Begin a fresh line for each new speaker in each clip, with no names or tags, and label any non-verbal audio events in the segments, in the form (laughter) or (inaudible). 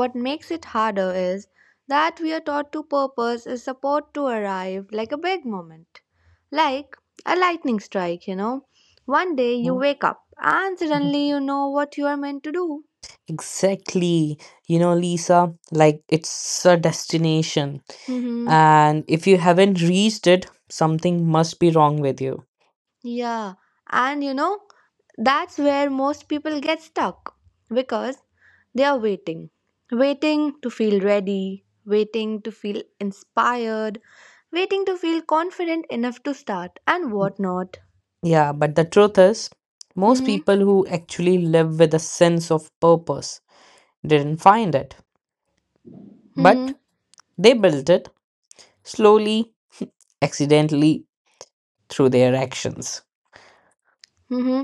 What makes it harder is that we are taught to purpose is support to arrive like a big moment, like a lightning strike, you know. One day you wake up and suddenly you know what you are meant to do.
Exactly. You know, Lisa, like it's a destination.
(laughs)
And if you haven't reached it, something must be wrong with you.
Yeah, and that's where most people get stuck because they are waiting. Waiting to feel ready, waiting to feel inspired, waiting to feel confident enough to start and whatnot.
Yeah, but the truth is, most
Mm-hmm.
people who actually live with a sense of purpose didn't find it,
Mm-hmm.
but they built it slowly, accidentally, through their actions.
Mm-hmm.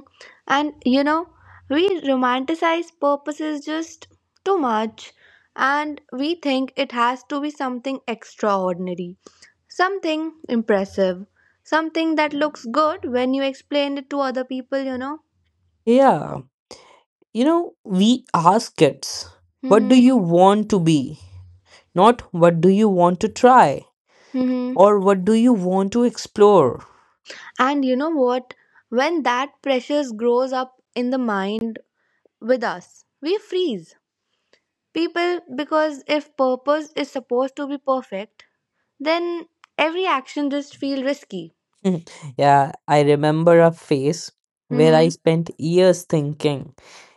And we romanticize purposes just too much and we think it has to be something extraordinary. Something impressive. Something that looks good when you explain it to other people, you know?
Yeah. You know, we ask kids, what do
Mm-hmm.
you want to be? Not what do you want to try
Mm-hmm.
or what do you want to explore?
And you know what? When that pressure grows up in the mind with us, we freeze. People, because if purpose is supposed to be perfect, then every action just feels risky.
(laughs) Yeah, I remember a phase where I
Mm-hmm.
spent years thinking,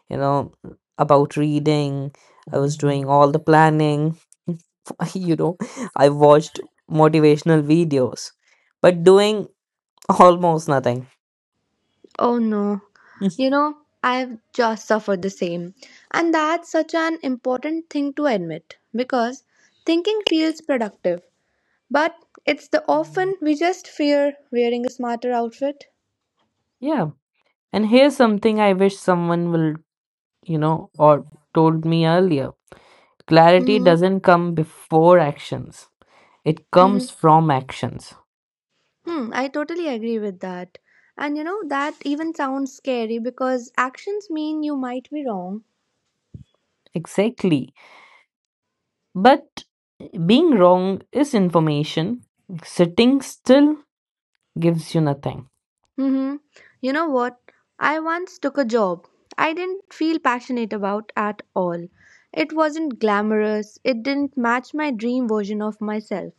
you know, about reading. I was doing all the planning. (laughs) you know, I watched motivational videos, but doing almost nothing.
Oh no. You
(laughs)
know, I've just suffered the same. And that's such an important thing to admit because thinking feels productive, but it's the often we just fear wearing a smarter outfit.
Yeah. And here's something I wish someone will or told me earlier, clarity
hmm
doesn't come before actions, it comes
hmm
from actions.
I totally agree with that. And that even sounds scary because actions mean you might be wrong.
Exactly. But being wrong is information, sitting still gives you nothing.
Mm-hmm. You know what? I once took a job I didn't feel passionate about at all. It wasn't glamorous, it didn't match my dream version of myself.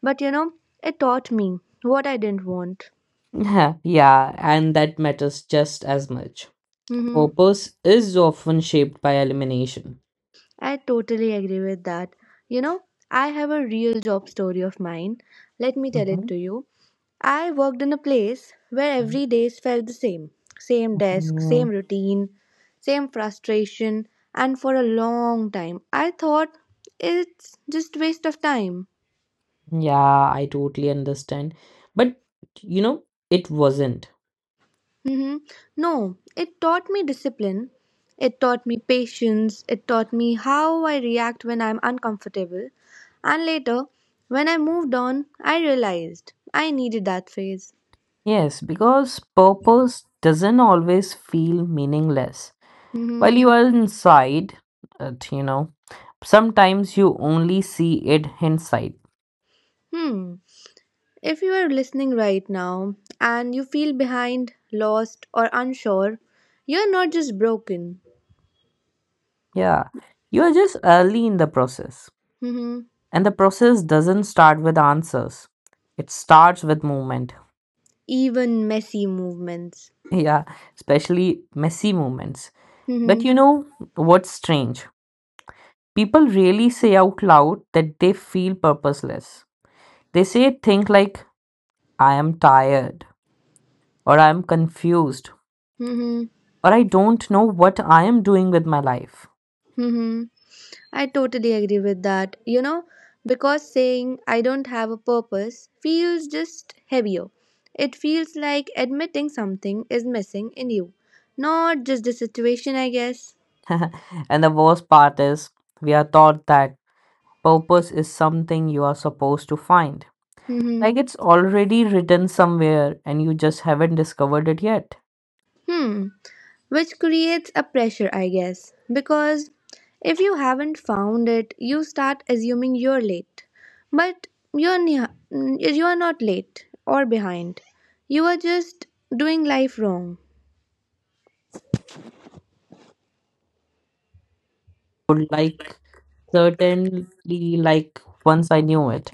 But it taught me what I didn't want.
(laughs) Yeah, and that matters just as much.
Mm-hmm.
Purpose is often shaped by elimination.
I totally agree with that. You know, I have a real job story of mine. Let me tell it
Mhm.
to you. I worked in a place where every day felt the same, same desk, same
Mm,
routine, same frustration, and for a long time I thought it's just waste of time.
yeah, I totally understand. But you know, it wasn't.
hmm No, it taught me discipline. It taught me patience. It taught me how I react when I'm uncomfortable. And later, when I moved on, I realized I needed that phase.
Yes, because purpose doesn't always feel meaningless. While
Hmm.
you are inside it, sometimes you only see it inside.
Hmm. If you are listening right now and you feel behind, lost, or unsure, you're not just broken.
Yeah, you are just early in the process.
Mhm.
And the process doesn't start with answers, it starts with movement. (laughs)
Even messy movements.
Yeah, especially messy movements. But
Mhm.
you know what's strange? People really say out loud that they feel purposeless. They say things like, I am tired, or I am confused,
Mhm.
or I don't know what I am doing with my life.
Mhm. I totally agree with that. Because saying I don't have a purpose feels just heavier. It feels like admitting something is missing in you, not just the situation, I guess.
(laughs) And the worst part is, we are taught that purpose is something you are supposed to find
Mhm.
like it's already written somewhere and you just haven't discovered it yet.
Hmm. Which creates a pressure, I guess. Because if you haven't found it, you start assuming you're late. But you're, ne- you're not late or behind. You are just doing life wrong.
Would like certainly like once I knew it.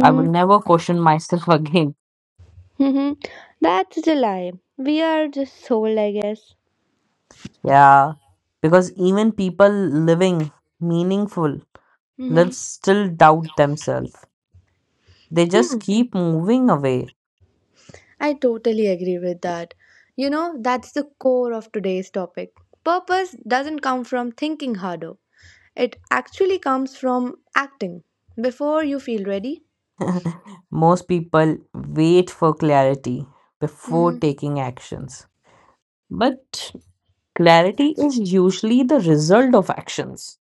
I would never question myself (laughs) again.
Hmm. That's the lie. We are just sold, I guess.
Yeah. Because even people living meaningful
Hmm.
lives still doubt themselves. They just
Hmm.
keep moving away.
I totally agree with that. That's the core of today's topic. Purpose doesn't come from thinking harder. It actually comes from acting before you feel ready.
(laughs) Most people wait for clarity before
Hmm.
taking actions. But clarity is usually the result of actions.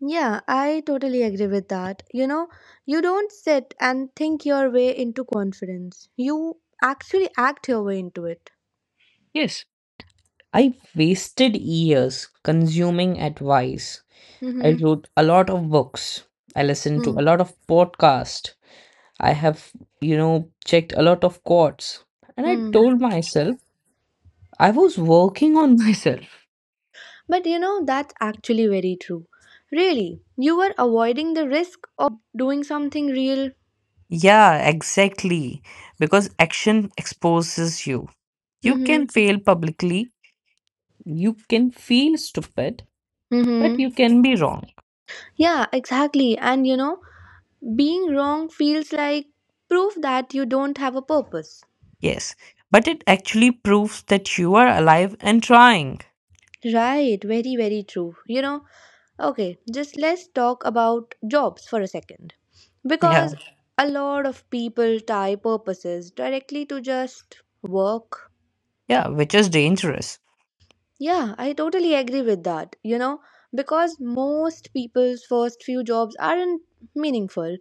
Yeah, I totally agree with that. You don't sit and think your way into confidence, you actually act your way into it.
Yes. I wasted years consuming advice. I
Mm-hmm.
wrote a lot of books. I listened to a lot of podcasts. I have, checked a lot of quotes. And I
Mm-hmm.
told myself I was working on (laughs) myself.
But that's actually very true. Really, you were avoiding the risk of doing something real.
Yeah, exactly. Because action exposes you. You
Mm-hmm.
can fail publicly. You can feel stupid, but
Mm-hmm.
you can be wrong.
Yeah, exactly. And being wrong feels like proof that you don't have a purpose.
Yes, but it actually proves that you are alive and trying.
Right, very true. Okay, just let's talk about jobs for a second.
Yeah,
Because a lot of people tie purposes directly to just work.
yeah, which is dangerous.
Yeah, I totally agree with that. Because most people's first few jobs aren't meaningful,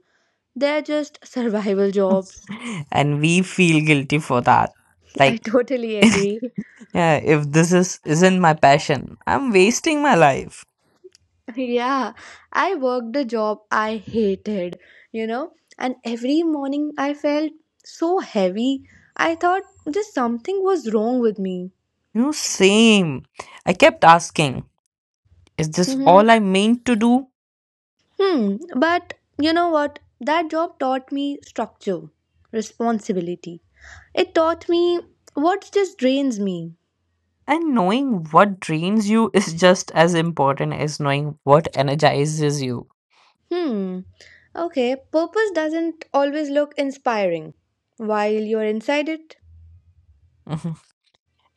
they're just survival jobs.
(laughs) And we feel guilty for that.
(laughs) I
Like,
totally agree.
yeah, if this is isn't my passion, I'm wasting my life.
Yeah, I worked a job I hated, you know, and every morning I felt so heavy. I thought just something was wrong with me.
Same. I kept asking, is this
hmm
all I meant to do?
Hmm, but you know what? That job taught me structure, responsibility. It taught me what just drains me.
And knowing what drains you (laughs) is just as important as knowing what energizes you. (laughs)
Hmm, okay, purpose doesn't always look inspiring while you're inside it.
Mhm.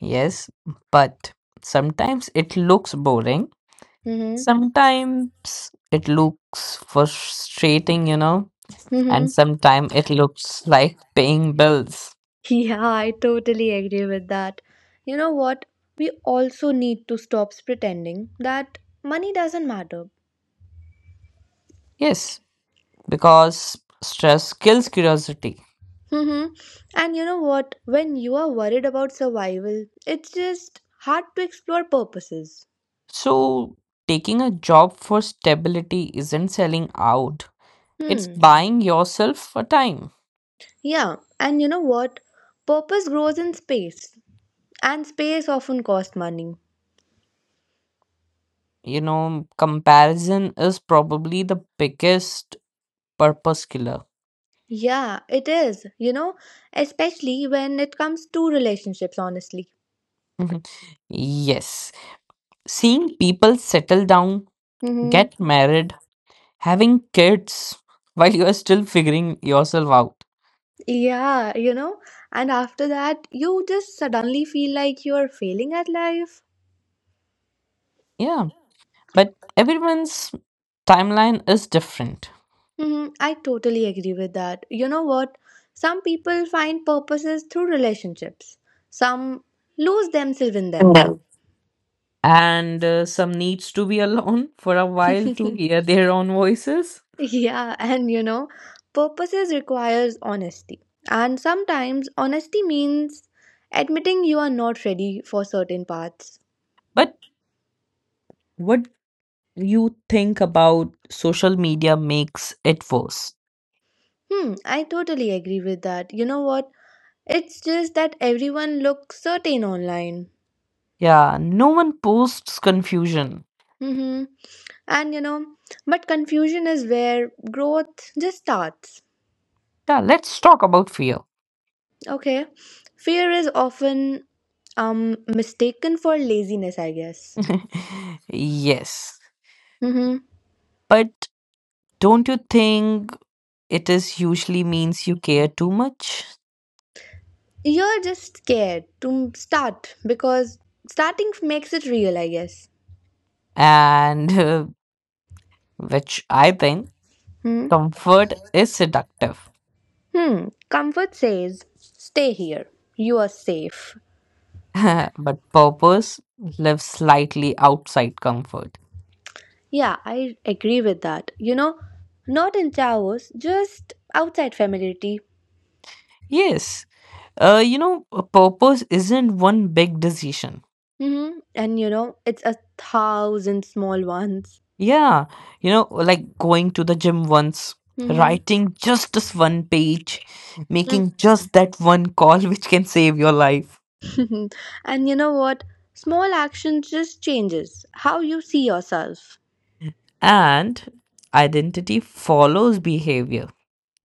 Yes, but sometimes it looks boring.
Mm-hmm.
Sometimes it looks frustrating, and sometimes it looks like paying bills.
Yeah, I totally agree with that. You know what? We also need to stop pretending that money doesn't matter.
Yes, because stress kills curiosity.
Mhm. And you know what? When you are worried about survival, it's just hard to explore purposes.
So, taking a job for stability isn't selling out, it's
Hmm.
buying yourself a time.
Yeah, and you know what? Purpose grows in space, and space often costs money.
Comparison is probably the biggest purpose killer.
Yeah, it is, especially when it comes to relationships, honestly.
Mhm. (laughs) Yes, seeing people settle down,
Mm-hmm.
get married, having kids while you are still figuring yourself out.
Yeah, and after that, you just suddenly feel like you're failing at life.
Yeah, but everyone's timeline is different.
I totally agree with that. You know what? Some people find purposes through relationships, some lose themselves in them. (laughs)
And some needs to be alone (laughs) for a while to hear their own voices.
Yeah, and purposes requires honesty. And sometimes honesty means admitting you are not ready for certain paths.
But what you think about social media makes it worse?
Hmm, I totally agree with that. You know what? It's just that everyone looks certain online.
Yeah, no one posts confusion.
Mm-hmm. And but confusion is where growth just starts.
Yeah, let's talk about fear.
Okay. Fear is often mistaken for laziness, I guess.
(laughs) Yes,
Mm-hmm.
but don't you think it is usually means you care too much?
You're just scared to start because starting makes it real, I guess.
And (laughs) which I think
Hmm.
comfort is seductive
Hmm. Comfort says, stay here. You are safe.
(laughs) but purpose lives slightly outside comfort.
Yeah, I agree with that. Not in Taos, just outside familiarity.
Yes, a purpose isn't one big decision.
Mm-hmm. And it's a thousand small ones.
Yeah, like going to the gym once,
Mm-hmm. (laughs)
writing just this one page, making just that one call (laughs) which can save your life.
And you know what? Small action just changes how you see yourself.
And identity follows behavior.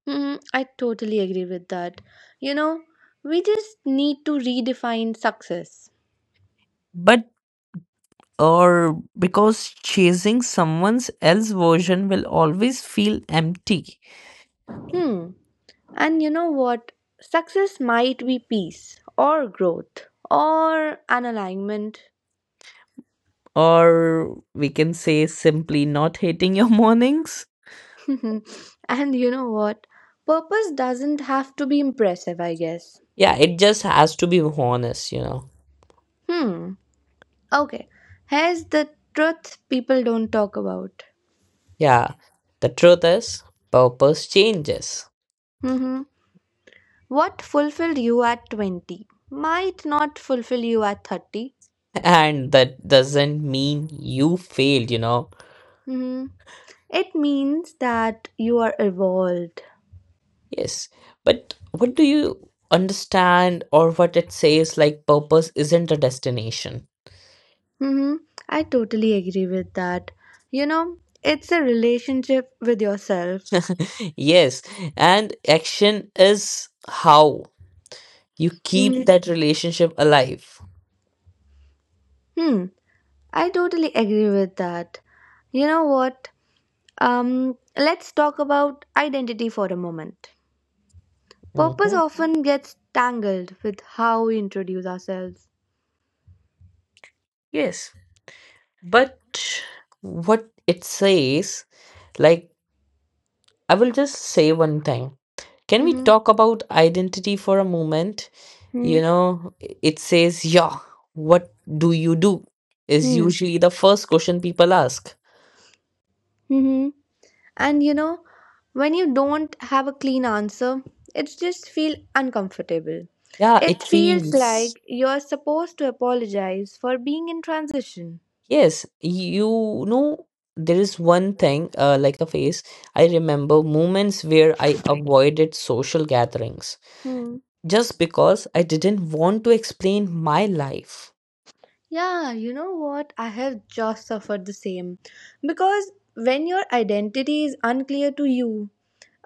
I totally agree with that. You know, we just need to redefine success.
But or because chasing someone's else version will always feel empty
Hmm. And you know what? Success might be peace or growth or an alignment.
or we can say simply not hating your (laughs) mornings.
(laughs) And you know what? Purpose doesn't have to be impressive, I guess.
Yeah, it just has to be honest.
Hmm. Okay, here's the truth people don't talk about.
Yeah, the truth is, purpose changes,
Hmm. What fulfilled you at 20 might not fulfill you at 30.
(laughs) and that doesn't mean you failed.
Hmm. It means that you are evolved.
Yes, but what do you understand, or what it says like purpose isn't a destination?
Hmm. I totally agree with that. You know, it's a relationship with yourself.
(laughs) Yes, and action is how you
Hmm.
keep that relationship alive.
Hmm, I totally agree with that. You know what? Let's talk about identity for a moment. Purpose
Hmm.
often gets tangled with how we introduce ourselves.
Yes. But what it says, like, I will just say one thing. Can we
Mm-hmm.
talk about identity for a moment?
Hmm.
It says, yeah, what do you do? Is
Hmm.
usually the first question people ask.
Hmm. And when you don't have a clean answer, it just feels uncomfortable.
Yeah,
It
it
feels
feels.
like you're supposed to apologize for being in transition.
Yes, know, there is one thing, like a phase. I remember moments where I avoided social gatherings
Hmm.
just because I didn't want to explain my life.
Yeah, you know what? I have just suffered the same. Because when your identity is unclear to you,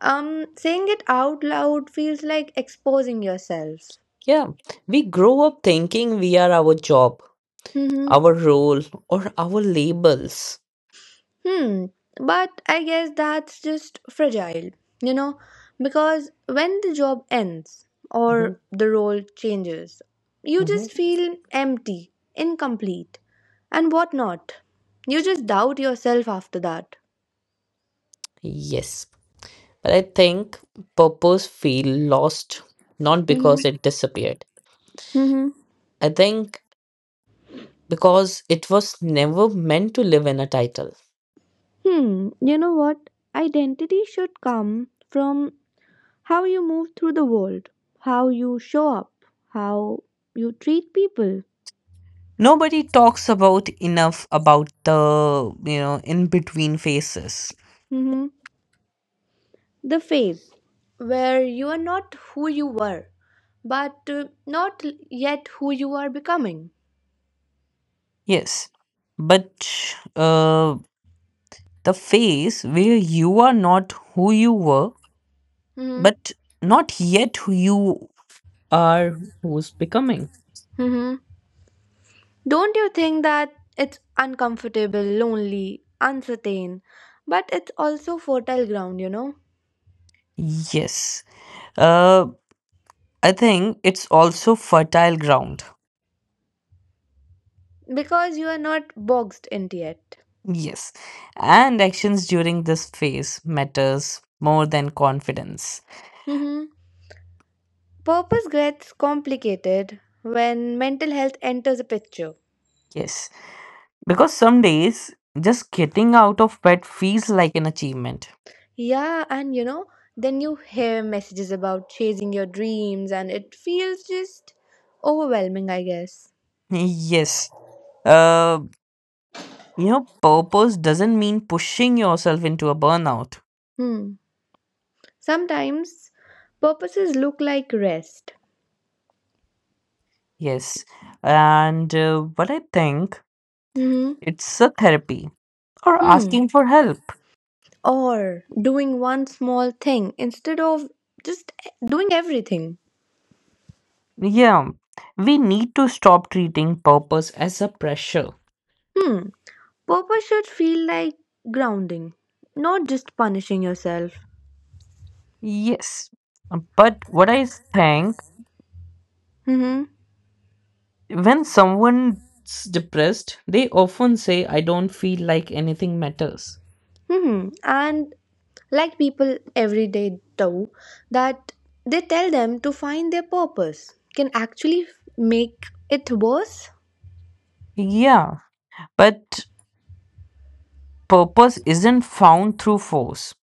um, saying it out loud feels like exposing yourself.
Yeah, we grow up thinking we are our job, our
Mm-hmm.
role, or our labels.
Hmm. But I guess that's just fragile, you know, because when the job ends
Hmm.
or the role changes, you just
Hmm.
feel empty, incomplete, and whatnot. You just doubt yourself after that.
Yes, but I think purpose feel lost not
Mm-hmm.
because it disappeared.
Mm-hmm.
I think because it was never meant to live in a title.
Hmm. You know what? Identity should come from how you move through the world, how you show up, how you treat people.
Nobody talks about enough about the in between phases.
Mm-hmm. The phase where you are not who you were, but not yet who you are becoming.
Yes, but uh, the phase where you are not who you were
Hmm.
but not yet who you are who's becoming?
Hmm. Don't you think that it's uncomfortable, lonely, uncertain, but it's also fertile ground, you know?
Yes. Uh, I think it's also fertile ground.
Because you are not boxed in yet.
Yes. And actions during this phase matters more than confidence.
Hmm. Purpose gets complicated when mental health enters the picture.
Yes. Because some days just getting out of bed feels like an achievement.
Yeah, and then you hear messages about chasing your dreams, and it feels just overwhelming, I guess.
Yes. Uh, purpose doesn't mean pushing yourself into a burnout.
Hmm. Sometimes purposes look like rest.
Yes. And what I think
Hmm.
it's a therapy or
Hmm.
asking for help.
Or doing one small thing instead of just doing everything.
Yeah, we need to stop treating purpose as a pressure.
Hmm. Purpose should feel like grounding, not just punishing yourself.
Yes, but what I think
Hmm.
when someone's depressed, they often say, I don't feel like anything matters.
Hmm. And like people every day do, that they tell them to find their purpose can actually make it worse?
Yeah, but purpose isn't found through force.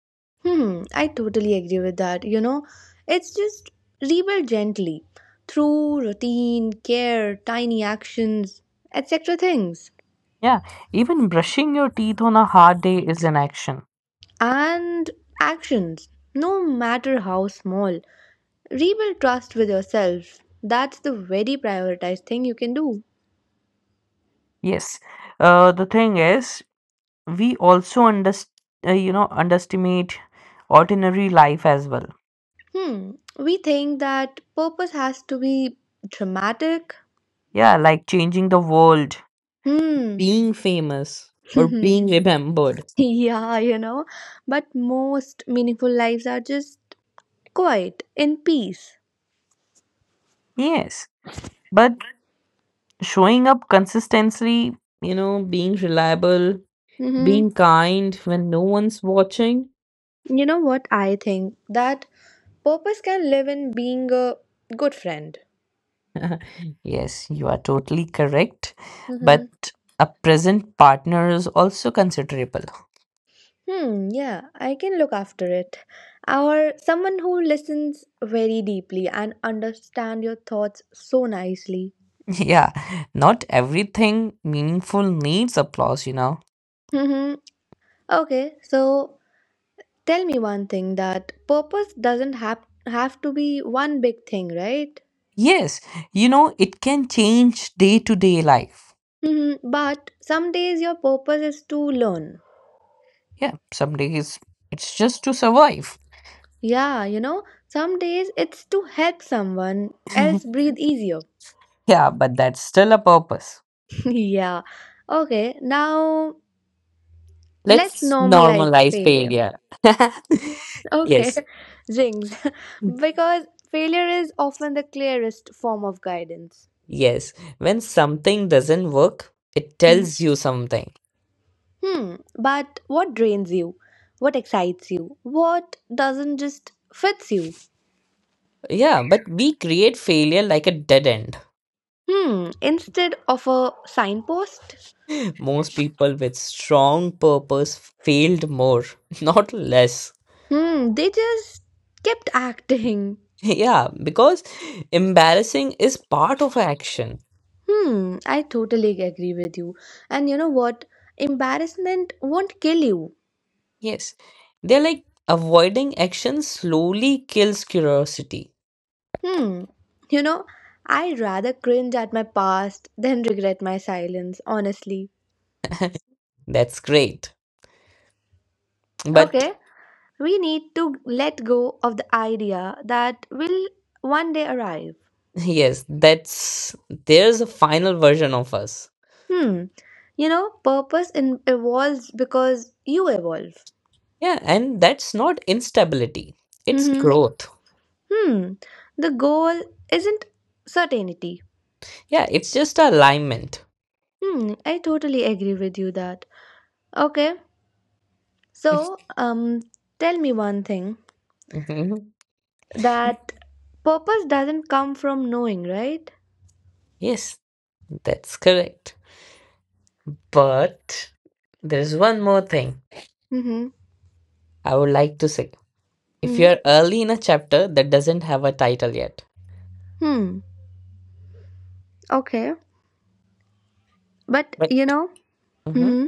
Hmm, I totally agree with that. It's just rebuild gently through routine, care, tiny actions, etc. things.
Yeah, even brushing your teeth on a hard day is an action.
And actions, no matter how small, rebuild trust with yourself. That's the very prioritized thing you can do.
Yes, the thing is, we also underestimate ordinary life as well,
Hmm, we think that purpose has to be dramatic.
yeah, like changing the world,
Hmm,
being famous or being
(laughs)
remembered,
yeah, but most meaningful lives are just quiet, in peace.
yes but showing up consistently, being reliable,
Hmm.
being kind when no one's watching.
You know what I think? That purpose can live in being a good friend.
(laughs) Yes, you are totally correct but
Hmm.
a present partner is also considerable.
Hmm, yeah, I can look after it. Or someone who listens very deeply and understand your thoughts so nicely.
(laughs) Yeah, not everything meaningful needs applause.
Hmm. Okay, so tell me one thing that purpose doesn't have to be one big thing, right?
Yes, it can change day to day life.
Mhm. But some days your purpose is to learn.
Yeah, some days it's just to survive.
Yeah, some days it's to help someone else
(laughs)
breathe easier.
Yeah, but that's still a purpose.
(laughs) Yeah. Okay, now let's
Let's
normalize
normalize
failure.
failure. (laughs)
Okay,
Yes,
(laughs) jinx. (laughs) Because failure is often the clearest form of guidance.
yes. When something doesn't work, it tells you something.
Hmm, but what drains you? What excites you? What doesn't just fits you?
Yeah, but we create failure like a dead end.
Hmm, instead of a signpost?
(laughs) Most people with strong purpose failed more, (laughs) not less. (laughs)
Hmm, they just kept (laughs) acting.
Yeah, because embarrassing is part of action.
Hmm, I totally agree with you. And you know what? Embarrassment won't kill you.
Yes. They're like avoiding action slowly kills curiosity.
Hmm, you know, I'd rather cringe at my past than (laughs) regret my silence, honestly.
That's great. But
Okay, we need to let go of the idea that will one day arrive.
yes, that's there's a final version of us.
Hmm. You know, evolves because you evolve.
Yeah, and that's not instability. It's
Mm-hmm.
growth.
Hmm. The goal isn't certainty.
Yeah, it's just alignment.
Hmm. I totally agree with you that. Okay. So, tell me one thing
Mhm.
that purpose doesn't come from knowing, right?
Yes, that's correct. But there's one more thing
Mm-hmm.
I would like to say. If
Hmm.
you're early in a chapter that doesn't have a title yet,
Hmm. Okay. But
but
you know.
Mhm.
Mm-hmm.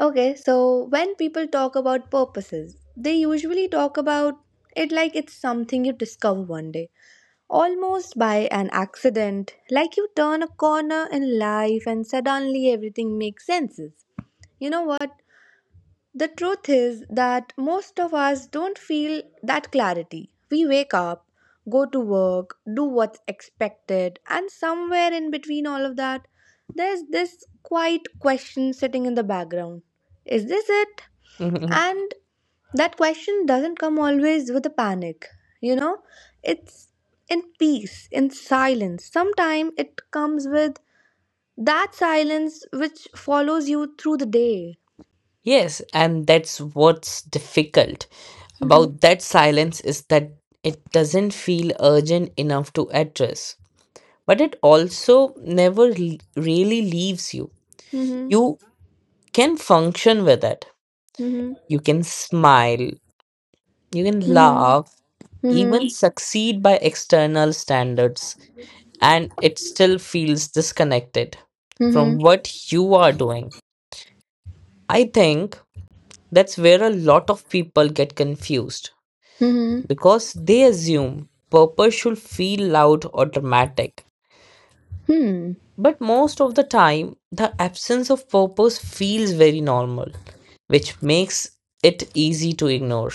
Okay. So when people talk about purposes, they usually talk about it like it's something you discover one day, almost by an accident, like you turn a corner in life and suddenly everything makes sense. You know what? The truth is that most of us don't feel that clarity. We wake up, go to work, do what's expected, and somewhere in between all of that, there's this quiet question sitting in the background. Is this it?
(laughs)
And that question doesn't come always with a panic, you know? It's in peace, in silence. Sometimes it comes with that silence which follows you through the day.
Yes, and that's what's difficult
Mhm,
about that silence is that it doesn't feel urgent enough to address, but it also never really leaves you.
mhm,
You can function with it,
mhm,
you can smile, you can
mhm,
laugh,
mhm,
even succeed by external standards, and it still feels disconnected from
mhm,
what you are doing. I think that's where a lot of people get confused
mhm,
because they assume purpose should feel loud or dramatic.
hmm.
But most of the time, the absence of purpose feels very normal, which makes it easy to ignore.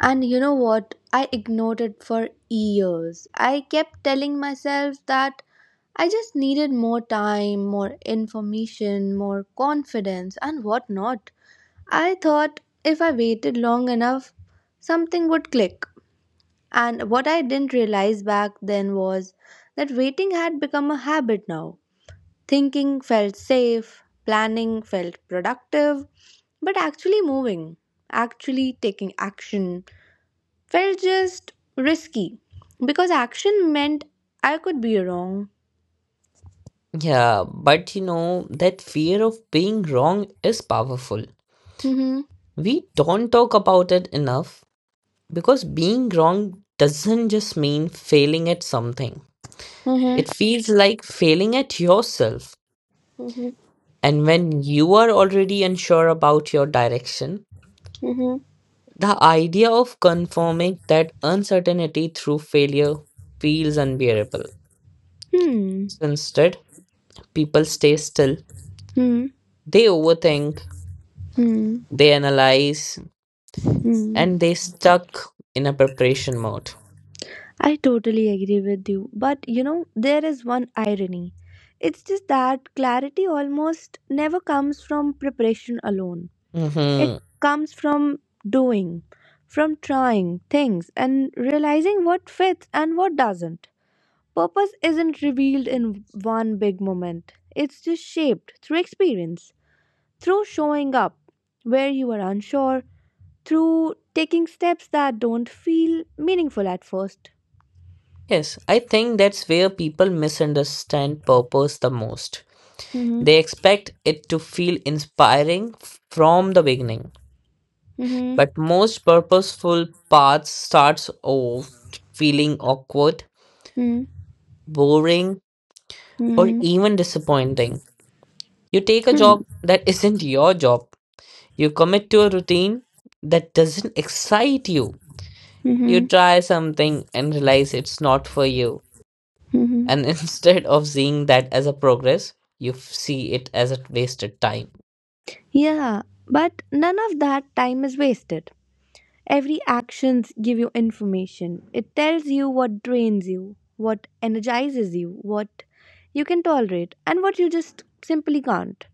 And you know what? I ignored it for years. I kept telling myself that I just needed more time, more information, more confidence, and whatnot. I thought if I waited long enough, something would click. And what I didn't realize back then was that waiting had become a habit now. Thinking felt safe, planning felt productive, but actually moving, actually taking action felt just risky because action meant I could be wrong.
Yeah, but that fear of being wrong is powerful.
Hmm.
We don't talk about it enough because being wrong doesn't just mean failing at something,
Hmm.
it feels like failing at yourself.
Hmm.
And when you are already unsure about your direction,
Hmm.
the idea of confirming that uncertainty through failure feels unbearable.
Hmm.
So instead, people stay still,
Hmm.
they overthink,
Hmm.
they analyze,
Hmm.
and they stuck in a preparation mode.
I totally agree with you. But you know, there is one irony. It's just that clarity almost never comes from preparation alone, it
Hmm.
comes from doing, from trying things and realizing what fits and what doesn't. Purpose isn't revealed in one big moment, it's just shaped through experience, through showing up where you are unsure, through taking steps that don't feel meaningful at 1st.
Yes, I think that's where people misunderstand purpose the most.
Mm-hmm.
They expect it to feel inspiring from the beginning,
Mm-hmm.
but most purposeful paths starts off feeling awkward,
Hmm.
boring, or
Hmm.
even disappointing. You take a
Hmm.
job that isn't your job. You commit to a routine that doesn't excite you. You
Mhm,
try something and realize it's not for you.
mhm.
And (laughs) instead of seeing that as a progress, you see it as a wasted time.
Yeah, but none of that time is wasted. Every actions give you information. It tells you what drains you, what energizes you, what you can tolerate, and what you just simply can't.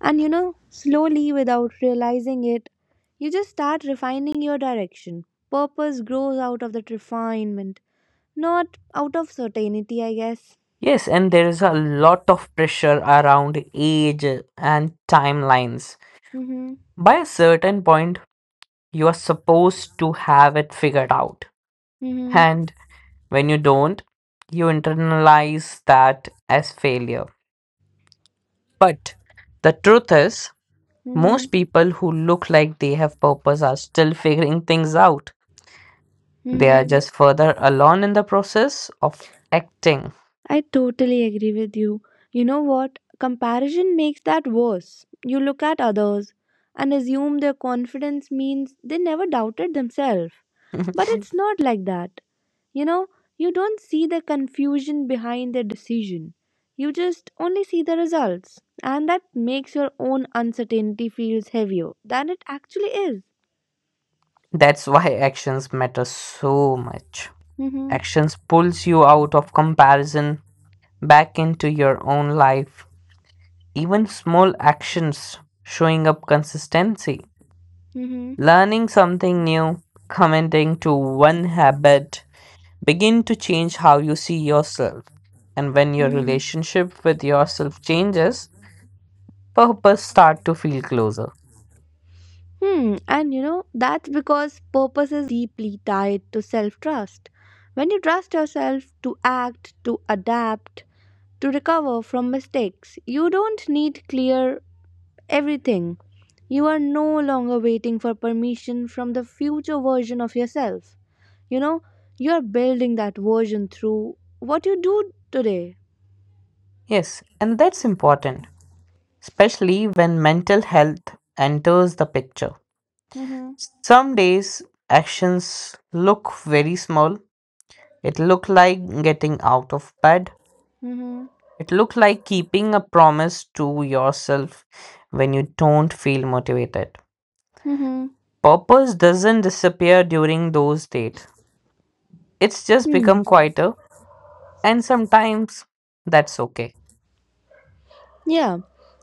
And you know, slowly, without realizing it, you just start refining your direction. Purpose grows out of that refinement, not out of certainty, I guess.
Yes, and there is a lot of pressure around age and timelines.
Mm-hmm.
By a certain point, you are supposed to have it figured out.
Mm-hmm.
And when you don't, you internalize that as failure. But the truth is, most
Mm-hmm.
people who look like they have purpose are still figuring things out. They
Mm-hmm.
are just further along in the process of acting.
I totally agree with you. You know what? Comparison makes that worse. You look at others and assume their confidence means they never doubted themselves. But it's not like that. You know, you don't see the confusion behind their decision. You just only see the results. And that makes your own uncertainty feels heavier than it actually is.
That's (laughs) why actions matter so much.
Mm-hmm.
Actions pulls you out of comparison back into your own life. Even small actions showing up consistency,
Mm-hmm.
learning something new, committing to one habit, begin to change how you see yourself. And when your
Mm-hmm.
relationship with yourself changes, purpose start to feel closer.
Hmm, and you know, that's because purpose is deeply tied to self trust. When you trust yourself to act, to adapt, to recover from mistakes, you don't need clear everything. You are no longer waiting for permission from the future version of yourself. You know, you are building that version through what you do today.
Yes, and that's important, especially when mental health enters the picture.
Mm-hmm.
Some days actions look very small. It look like getting out of bed.
Mm-hmm.
It look like keeping a promise to yourself when you don't feel motivated.
Mm-hmm.
Purpose doesn't disappear during those dates. It's just
Hmm.
become quieter, and sometimes that's okay.
Yeah,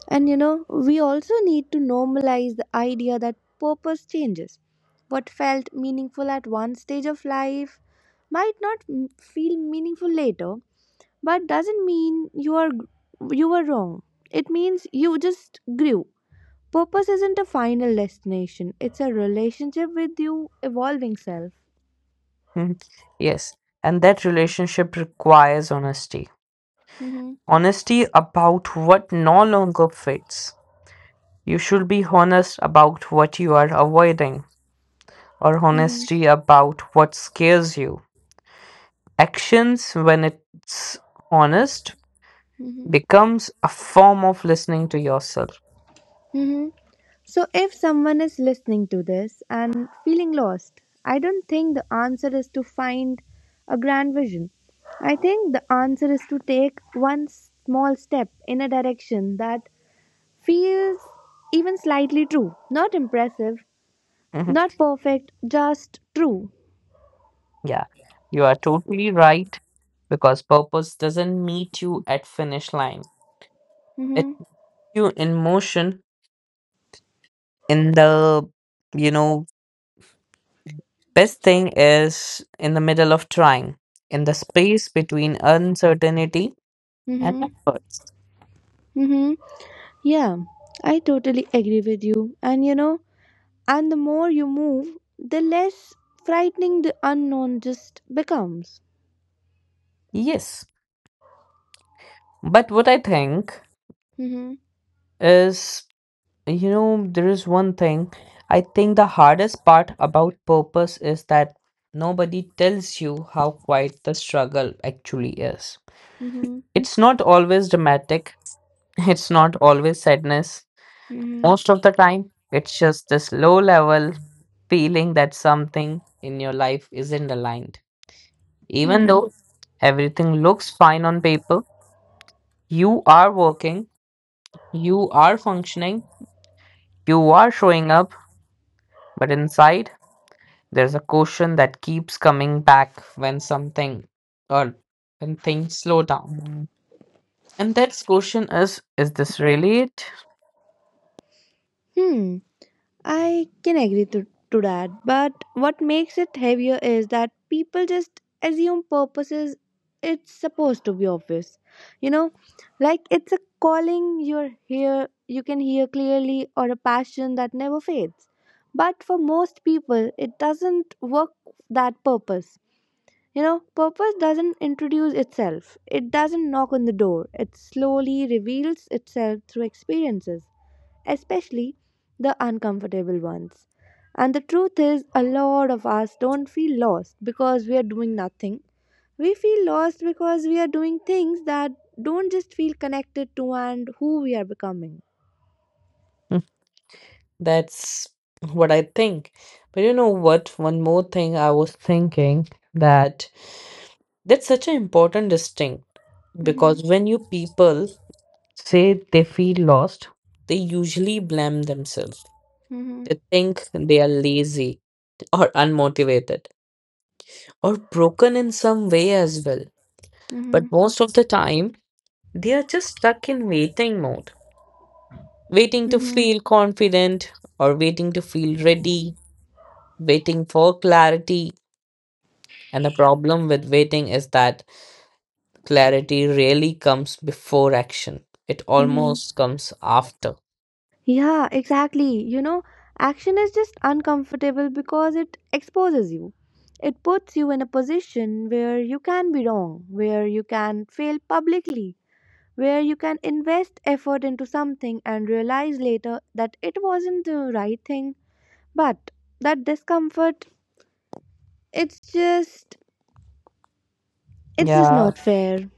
and you know, we also need to normalize the idea that purpose changes. What felt meaningful at one stage of life might not feel meaningful later, but doesn't mean you are you were wrong. It means you just grew. Purpose isn't a final destination. It's a relationship with you evolving self.
Mhm. Yes, and that relationship requires honesty.
Mhm.
Honesty about what no longer fits. You should be honest about what you are avoiding, or
Mhm.
honesty about what scares you. Actions, when it's honest,
Mhm.
becomes a form of listening to yourself.
Mhm. So, if someone is listening to this and feeling lost, I don't think the answer is to find a grand vision. I think the answer is to take one small step in a direction that feels even slightly true. Not impressive,
Mhm.
not perfect, just true.
Yeah, you are totally right because purpose doesn't meet you at finish line. It
Mm-hmm.
meets you in motion in the you know best thing is in the middle of trying in the space between uncertainty and
Mm-hmm.
efforts.
Mm-hmm. Yeah, I totally agree with you. And you know, and the more you move, the less frightening the unknown just becomes.
Yes, but what I think
Mm-hmm.
is, you know there is one thing. I think the hardest part about purpose is that nobody tells you how quiet the struggle actually is.
Mm-hmm.
It's not always dramatic, it's not always sadness.
Mm-hmm.
Most of the time, it's just this low level feeling that something in your life isn't aligned. Even
Hmm.
though everything looks fine on paper, you are working, you are functioning, you are showing up, but inside, there's a question that keeps coming back when something or when things slow down. And that question is this really it?
Hmm. I can agree to that. But what makes it heavier is that people just assume purposes it's supposed to be obvious. You know, like it's a calling you're here you can hear clearly or a passion that never fades. But for most people it doesn't work that purpose. You know, purpose doesn't introduce itself. It doesn't knock on the door. It slowly reveals itself through experiences especially the uncomfortable ones. And the truth is, a lot of us don't feel lost because we are doing nothing. We feel lost because we are doing things that don't just feel connected to and who we are becoming.
Mm, that's what I think. But you know what? One more thing I was thinking, that that's such an important distinct,
Mm-hmm.
because when you people say they feel lost, they usually blame themselves.
Mm-hmm.
They think they are lazy or unmotivated or broken in some way as well.
Mm-hmm.
But most of the time, they are just stuck in waiting mode, waiting to
Mm-hmm.
feel confident or waiting to feel ready, waiting for clarity. And the problem with waiting is that clarity rarely comes before action, it
Mm-hmm.
almost comes after.
Yeah, exactly. You know, action is just uncomfortable because it exposes you. It puts you in a position where you can be wrong, where you can fail publicly, where you can invest effort into something and realize later that it wasn't the right thing, but that discomfort it's just it's just
Yeah.
not fair.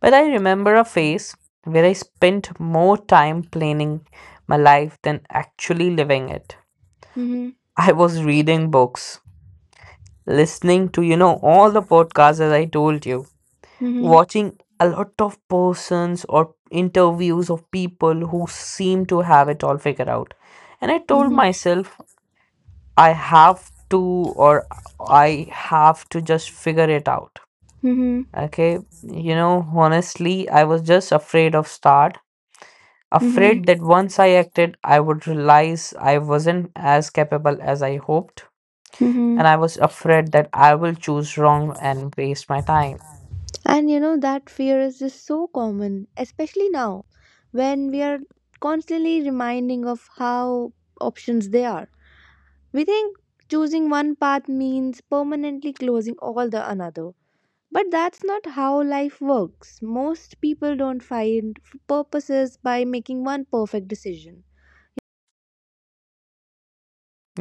But I remember a phase where I spent more time planning my life than actually living it.
Mm-hmm,
I was reading books, listening to, all the podcasts as I told you,
mm-hmm,
watching a lot of persons or interviews of people who seem to have it all figured out. And I told
mm-hmm,
myself, I have to, or I have to just figure it out.
mm-hmm,
Okay. Honestly, I was just afraid of start.
mm-hmm,
Afraid that once I acted, I would realize I wasn't as capable as I hoped.
mm-hmm.
And I was afraid that I will choose wrong and waste my time.
And you know, that fear is just so common, especially now when we are constantly reminding of how options they are, we think choosing one path means permanently closing all the another. But that's not how life works. Most people don't find purposes by making one perfect decision.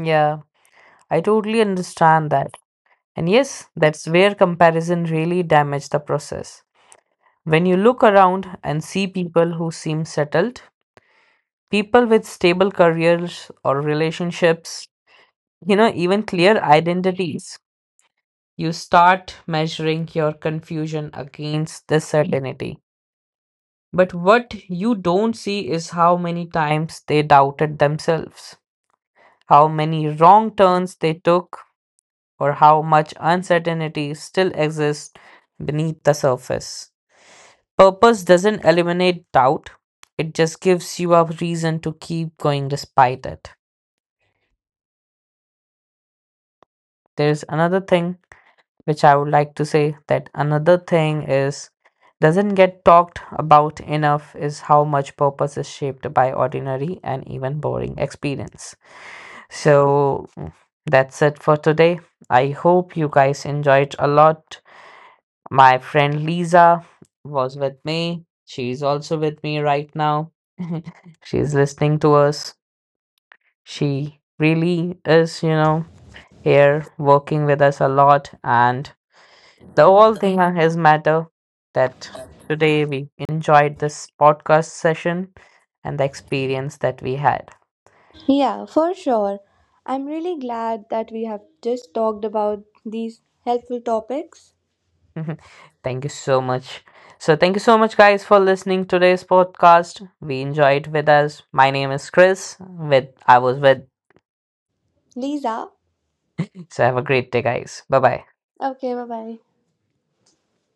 Yeah, I totally understand that. And yes, that's where comparison really damages the process. When you look around and see people who seem settled, people with stable careers or relationships, even clear identities, you start measuring your confusion against this certainty. But what you don't see is how many times they doubted themselves, how many wrong turns they took, or how much uncertainty still exists beneath the surface. Purpose doesn't eliminate doubt, it just gives you a reason to keep going despite it. There's another thing which I would like to say, that another thing is doesn't get talked about enough is how much purpose is shaped by ordinary and even boring experience. So that's it for today. I hope you guys enjoyed a lot. My friend Lisa was with me. She's also with me right now. (laughs) She's listening to us. She really is, here working with us a lot. And the whole thing is matter that today we enjoyed this podcast session and the experience that we had.
Yeah, for sure. I'm really glad that we have just talked about these helpful topics.
(laughs) Thank you so much. So, thank you so much, guys, for listening today's podcast. We enjoyed with us. My name is Chris. With I was with
Lisa,
So have a great day, guys. Bye bye.
okay, bye bye.